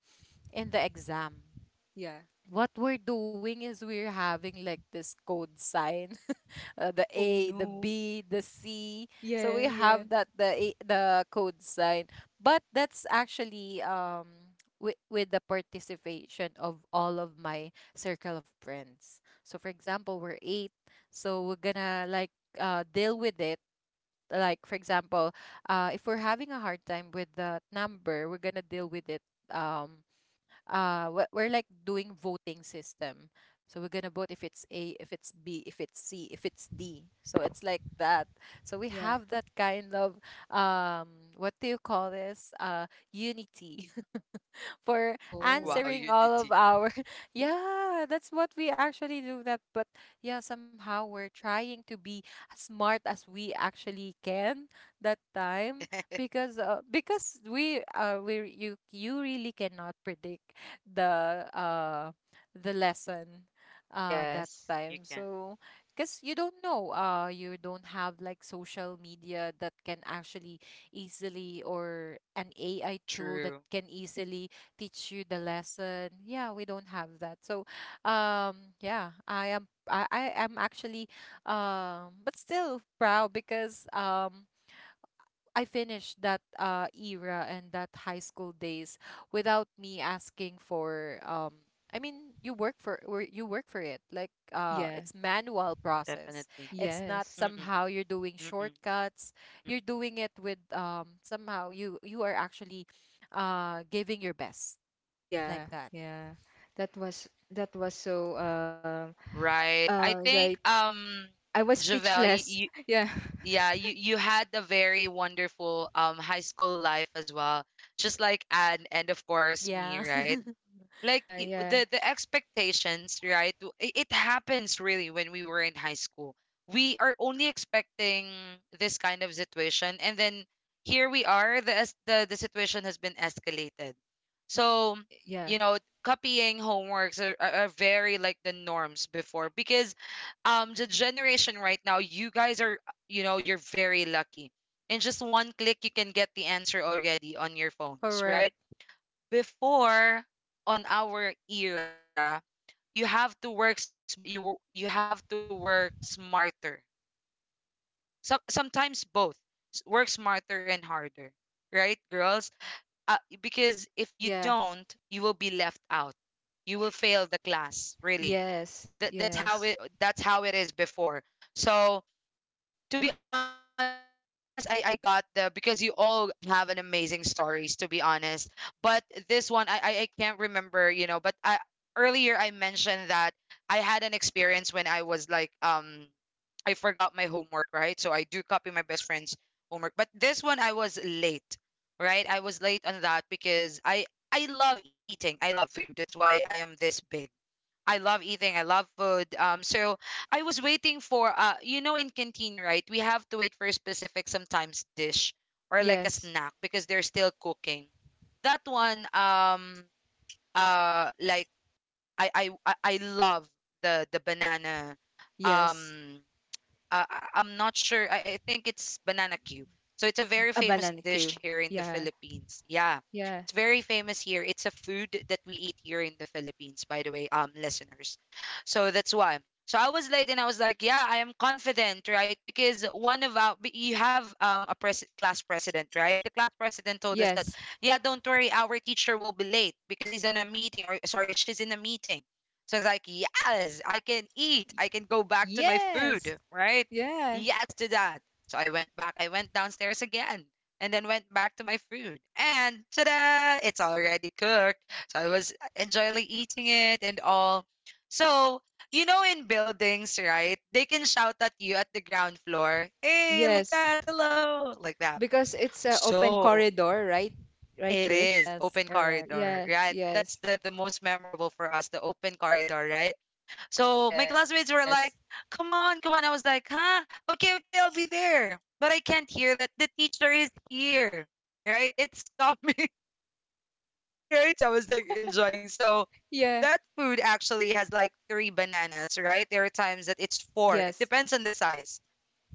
in the exam. Yeah. What we're doing is we're having like this code sign. The Oh A, the no. B, the C. So Yeah. we Yeah. have that the A, the code sign, but that's actually with the participation of all of my circle of friends. So for example, we're eight, so we're gonna like deal with it. Like for example, if we're having a hard time with that number, we're gonna deal with it. Um, we're like doing voting system, so we're gonna vote if it's A, if it's B, if it's C, if it's D, so it's like that. So we Yeah. have that kind of um what do you call this, unity for Wow, Oh. answering all unity. of our yeah, that's what we actually do that. But yeah, somehow we're trying to be as smart as we actually can that time, because we you you really cannot predict the uh the lesson that Yes. You time. can. So because you don't know you don't have like social media that can actually easily or an AI tool True, that can easily teach you the lesson. Yeah, we don't have that. So, yeah, I am actually but still proud, because I finished that era and that high school days without me asking for I mean you work for or you work for it, like Yeah. it's manual process. definitely. It's not Mm-mm, Yes. somehow mm-mm, you're doing mm-mm. shortcuts, you're doing it with somehow you you are actually giving your best Yeah, like that. yeah. That was so Right. I right. think I was Javel, speechless. you Yeah. yeah, you had a very wonderful high school life as well. Just like Anne and of course me, Yeah. right? Like Yeah, yeah. The expectations, right? It happens really when we were in high school. We are only expecting this kind of situation, and then here we are, the situation has been escalated. So Yeah. you know, copying homeworks are, are very like the norms before. Because the generation right now, you guys are, you know, you're very lucky. In just one click you can get the answer already on your phones, right? Correct. Before, on our era, you have to work smart. You you have to work smarter. So, sometimes both. Work smarter and harder, right, girls? Because if you Yeah. don't, you will be left out. You will fail the class, really. Yes, That that's yes. how it, that's how it is before. So, to be honest, I got the, because you all have an amazing stories, to be honest. But this one I can't remember, you know, but I earlier I mentioned that I had an experience when I was like, I forgot my homework, right? So I do copy my best friend's homework. But this one, I was late. Right, I was late on that because I love eating, I love food. That's why I am this big. I love eating. I love food. So I was waiting for you know, in canteen, right? We have to wait for a specific sometimes dish or like a Yes. snack because they're still cooking. That one, like I love the banana, Yes. um, I'm not sure. I think it's banana cue. So it's a very A famous banana dish queue. here in the Yeah. Philippines. Yeah, Yeah. it's very famous here. It's a food that we eat here in the Philippines, by the way, listeners. So that's why. So I was late and I was like, yeah, I am confident, right? Because one of our, you have a class president, right? The class president told us that, Yes. yeah, don't worry, our teacher will be late because he's on a meeting, or sorry, she's in a meeting. So it's like, yes, I can eat. I can go back to my Yes. food, right? Yeah. Yes to that. So I went back. I went downstairs again and then went back to my food. And ta-da, it's already cooked. So I was enjoying eating it and all. So, you know, in buildings, right? They can shout at you at the ground floor, hey, like Yes. that, hello, like that. Because it's an open So corridor, right? Right, it Trish? is Yes, open correct. Yeah. corridor, right? Yes. That's the most memorable for us, the open corridor, right? So my Yes. classmates were like, come on, come on. I was like, huh? Okay, okay, I'll be there. But I can't hear that the teacher is here, right? It's coming, right? So I was like enjoying. So Yeah. that food actually has like three bananas, right? There are times that it's four. Yes. It depends on the size.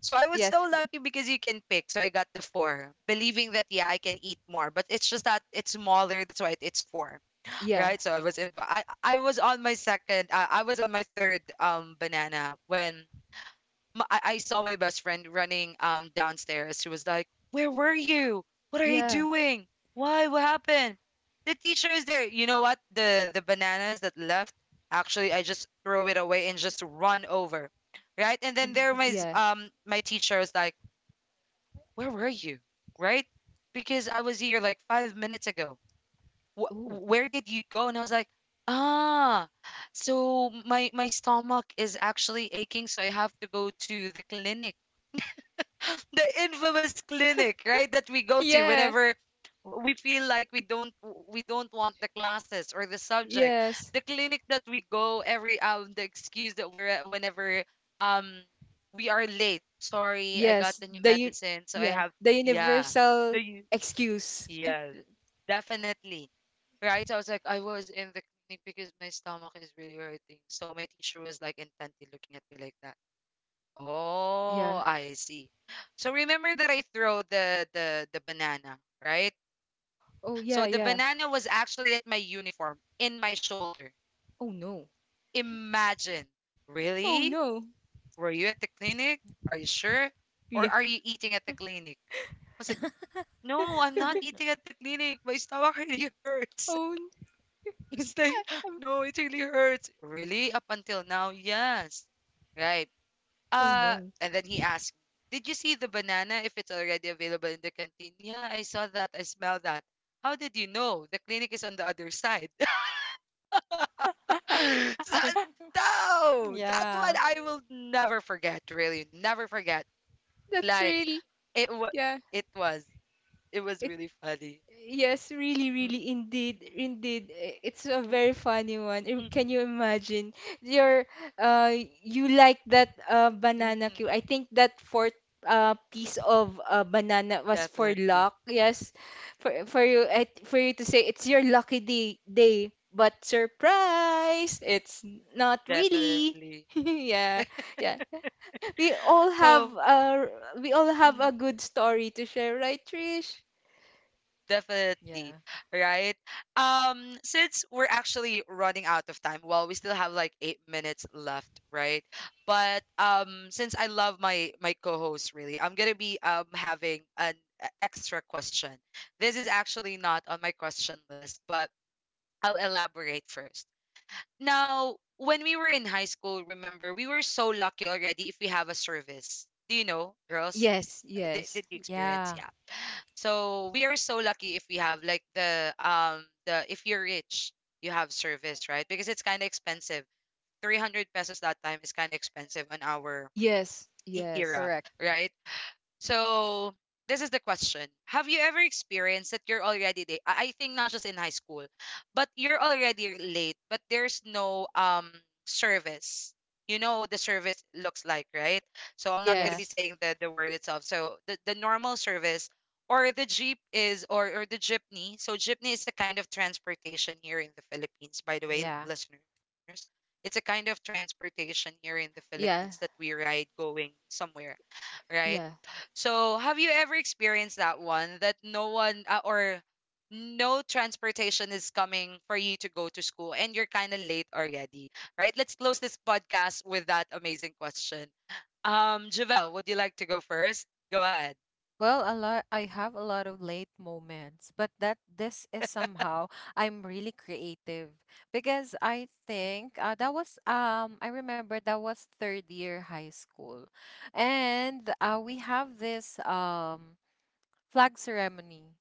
So I Yes. was so lucky because you can pick. So I got the four, believing that yeah, I can eat more. But it's just that it's smaller. That's why it's four, Yeah. right? So I was in. I was on my second. I was on my third banana when I saw my best friend running downstairs. She was like, "Where were you? What are you Yeah. doing? Why? What happened?" The teacher is there. You know what? The bananas that left, actually, I just throw it away and just run over, right? And then Yeah. there my my teacher was like, "Where were you? Right? Because I was here like 5 minutes ago. Wh- Ooh. where did you go?" And I was like, "Ah, so my stomach is actually aching, so I have to go to the clinic." The infamous clinic, right? That we go to Yeah. whenever we feel like we don't we don't want the classes or the subject. Yes. The clinic that we go every the excuse that we're at whenever um we are late. Sorry, I Yes. got the The new u medicine, so I Yeah, have the yeah. The universal u- excuse. yes, definitely. Right? So I was like, I was in the clinic because my stomach is really hurting. So my teacher was like intently looking at me like that. Oh, Yeah. I see. So remember that I throw the banana, right? Oh So yeah, the yeah. banana was actually at my uniform, in my shoulder. Oh no. Imagine. Oh Really? no. Were you at the clinic? Are you sure? Yeah. Or are you eating at the clinic? I was like, no, I'm not eating at the clinic. My stomach really hurts. Oh, n- It's like, no, it really hurts. Really? Up until now, yes. Right. oh no. And then he asked me, did you see the banana if it's already available in the canteen? Yeah, I saw that. I smell that. How did you know? The clinic is on the other side. So, no, that one Yeah. I will never forget, really. Never forget. That's Like, really it, was, yeah. it was, it was really funny. Yes, really, Mm. really, indeed, indeed. I- It's a very funny one. I- Mm-mm, Can you imagine? Your, uh, you like that banana mm-mm, cue. I think that fourth piece of banana was for definitely, luck. Yes, for for you to say it's your lucky day, but surprise, it's not really. definitely. Yeah, yeah. We all have So, a good story to share, right, Trish? definitely, Yeah. right? Since we're actually running out of time, well, we still have like 8 minutes left, right? But since I love my my co-host, really, I'm gonna be having an extra question. This is actually not on my question list, but I'll elaborate first. Now, when we were in high school, remember, we were so lucky already if we have a service. Do you know, girls? Yes, yes. Did you experience? Yeah, Yeah, so we are so lucky if we have like the the, if you're rich, you have service, right? Because it's kind of expensive. 300 pesos that time is kind of expensive on our Yes, era, yes, correct. right? So this is the question. Have you ever experienced that you're already late? I think not just in high school, but you're already late, but there's no service. You know the service looks like, right? So I'm not gonna be yes, Yes. saying the word itself. So the normal service or the jeep is, or the jeepney. So jeepney is a kind of transportation here in the Philippines, by the way, Yeah. listeners. It's a kind of transportation here in the Philippines yeah, that we ride going somewhere, right? yeah, So, have you ever experienced that one that no one or no transportation is coming for you to go to school and you're kind of late already, right? Let's close this podcast with that amazing question. Javel, would you like to go first? Go ahead. Well, a lot I have a lot of late moments, but that this is somehow I'm really creative because I think that was I remember that was third year high school. And we have this flag ceremony.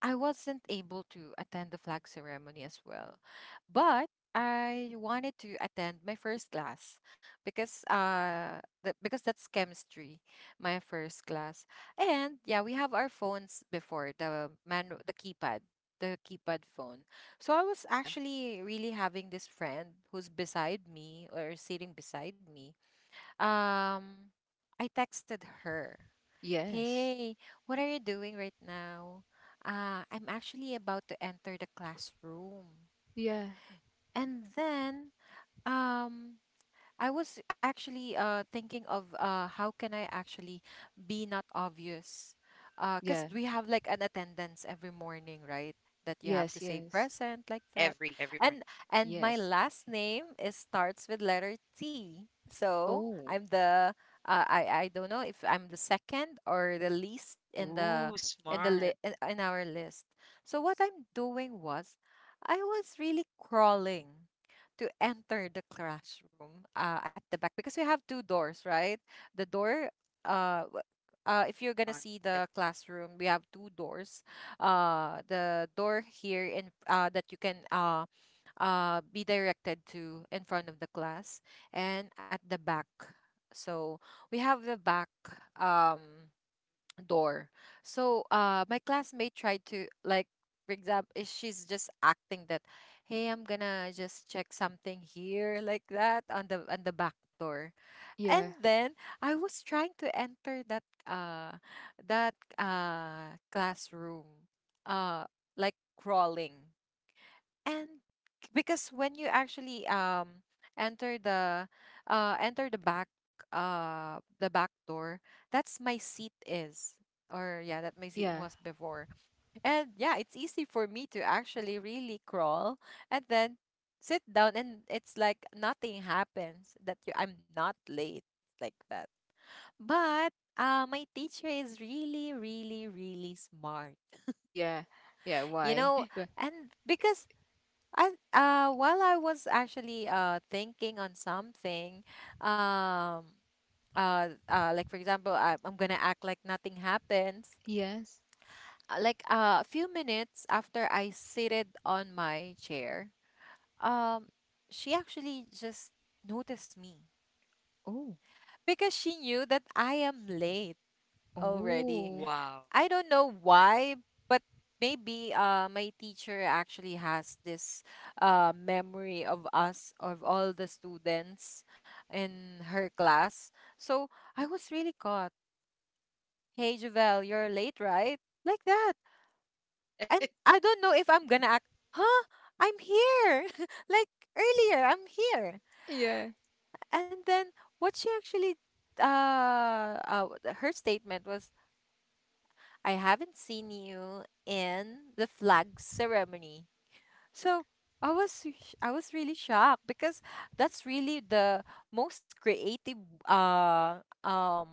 I wasn't able to attend the flag ceremony as well, but I wanted to attend my first class because that's chemistry, my first class. And yeah, we have our phones before the keypad phone. So I was yeah, actually really having this friend who's beside me or sitting beside me. Um I texted her, yes, "Hey, what are you doing right now? I'm actually about to enter the classroom." yeah, And then, um, I was actually thinking of how can I actually be not obvious? Cause yeah, we have like an attendance every morning, right? That you have yes, to say yes, present like that. Every And morning. and my yes. last name is starts with letter T. So Oh, I'm the I don't know if I'm the second or the least Ooh, in the li smart. in our list. So what I'm doing was I was really crawling to enter the classroom at the back because we have two doors, right? The door, uh, w- if you're gonna In see front. the It- classroom, we have two doors. The door here in that you can be directed to in front of the class, and at the back. So we have the back Um, door. So my classmate tried to like, for example, if she's just acting that, hey, I'm gonna just check something here like that on the back door. And yeah, then I was trying to enter that classroom, uh like crawling, and because when you actually enter the enter the back, the back door, that's my seat is, or yeah, that my seat yeah, was before, and yeah, it's easy for me to actually really crawl and then sit down, and it's like nothing happens, that you, I'm not late like that. But my teacher is really really really smart, yeah, yeah. you Why? know. And because I while I was actually thinking on something, um like for example, I'm gonna act like nothing happens. Yes. Like a few minutes after I seated on my chair, um, she actually just noticed me Oh, because she knew that I am late already. oh, Wow. I don't know why, but maybe my teacher actually has this memory of us, of all the students in her class. So I was really caught. "Hey, Javel, you're late, right?" Like that. And I don't know if I'm gonna act, huh? I'm here. Like earlier, I'm here. yeah, And then what she actually, uh, uh, her statement was, "I haven't seen you in the flag ceremony." So I was I was really shocked because that's really the most creative uh um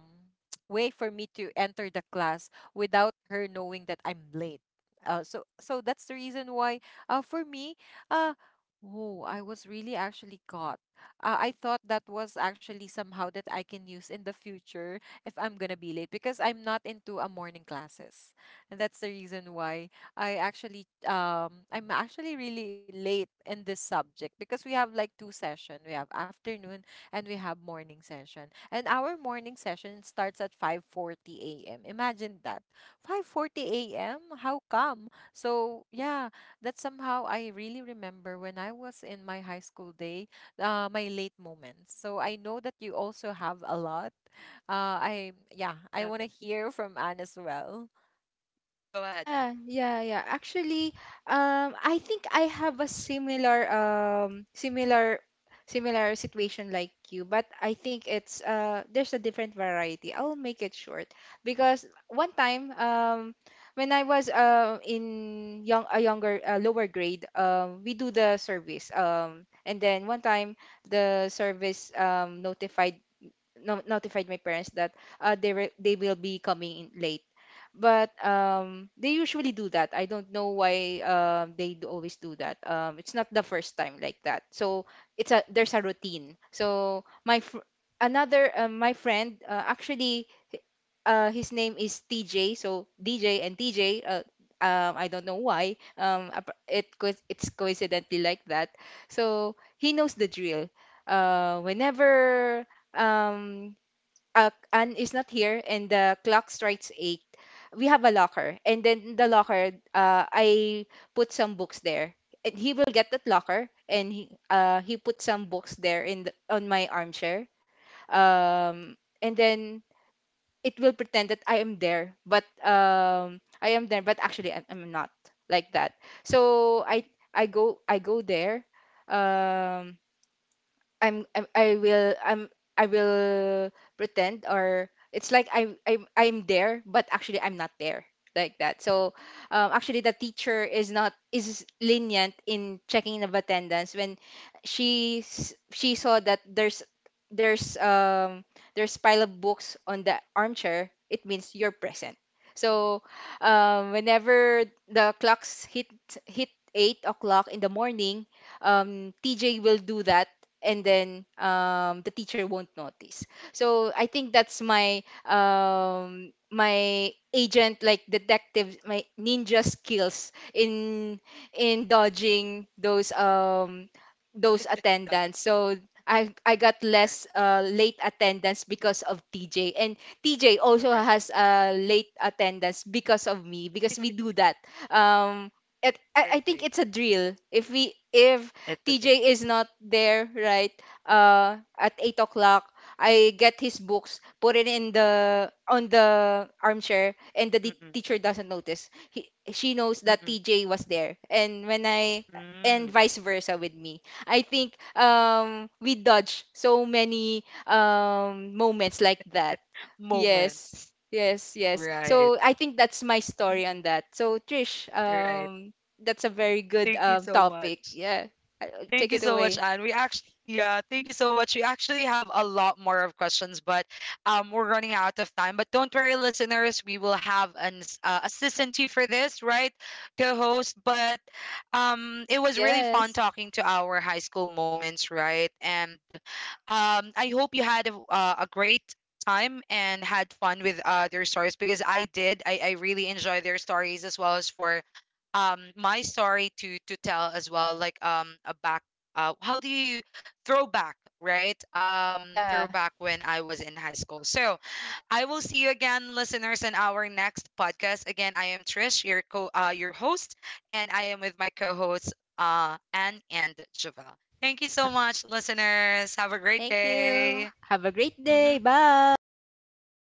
way for me to enter the class without her knowing that I'm late. So that's the reason why for me uh oh, I was really actually caught. I thought that was actually somehow that I can use in the future if I'm gonna be late because I'm not into a morning classes. And that's the reason why I actually I'm actually really late in this subject because we have like two session. We have afternoon and we have morning session. And our morning session starts at 5:40 a.m. Imagine that. 5:40 a.m. How come? So, yeah, that somehow I really remember when I was in my high school day, my late moments. So, I know that you also have a lot. I Yeah, I want to Definitely. hear from Anne as well. Go ahead, yeah, Anne. yeah, yeah. Actually, I think I have a similar situation like you, but I think it's there's a different variety. I'll make it short because one time, when I was in young a younger lower grade, we do the service, and then one time the service notified, no, notified my parents that they will be coming in late, but they usually do that. I don't know why they do always do that. It's not the first time like that. So it's a there's a routine. So my fr another my friend h- his name is TJ. So DJ and TJ. I don't know why. It's coincidentally like that. So he knows the drill. Whenever um Anne is not here and the clock strikes eight, we have a locker. And then in the locker, I put some books there. And he will get that locker, and he put some books there in the, on my armchair. Um, and then it will pretend that I am there, but I am there, but actually I'm not, like that. So I go, I go there. Um, I'm, I'm I will I'm I will pretend, or it's like I'm there, but actually I'm not there, like that. So actually the teacher is not is lenient in checking of attendance when she saw that there's um there's pile of books on the armchair. It means you're present. So whenever the clocks hit 8 o'clock in the morning, TJ will do that, and then the teacher won't notice. So I think that's my my agent like detective, my ninja skills in dodging those Dodging. attendants. So I got Right. less late attendance because of TJ, and TJ also Right. has late attendance because of me because we do that. Um, it, The I think same. it's a drill. If we if It's a day. TJ is not there, right? At 8 o'clock, I get his books, put it in the on the armchair, and the Mm-mm. teacher doesn't notice. She knows that Mm-mm. TJ was there, and when I and Mm. vice versa with me. I think we dodge so many moments like that. Yes. Moments. Yes, yes. Right. So I think that's my story Mm-mm. on that. So Trish, Right. That's a very good Thank you so much. topic. Yeah. I- Thank Take you it so much, away. Anne. We actually, yeah, thank you so much. We actually have a lot more of questions, but we're running out of time. But don't worry, listeners, we will have an assistant to you for this, right, co-host. But it was really fun Yes. talking to our high school moments, right? And I hope you had a great time and had fun with their stories, because I did. I really enjoy their stories, as well as for my story to tell as well, like a back how do you throwback, right? Yeah. Throwback when I was in high school. So I will see you again, listeners, in our next podcast. Again, I am Trish, your co your host, and I am with my co-hosts, Anne and Javel. Thank you so much, listeners. Have a great Thank day. you. Have a great day. Hmm. Thank Bye. you. Bye.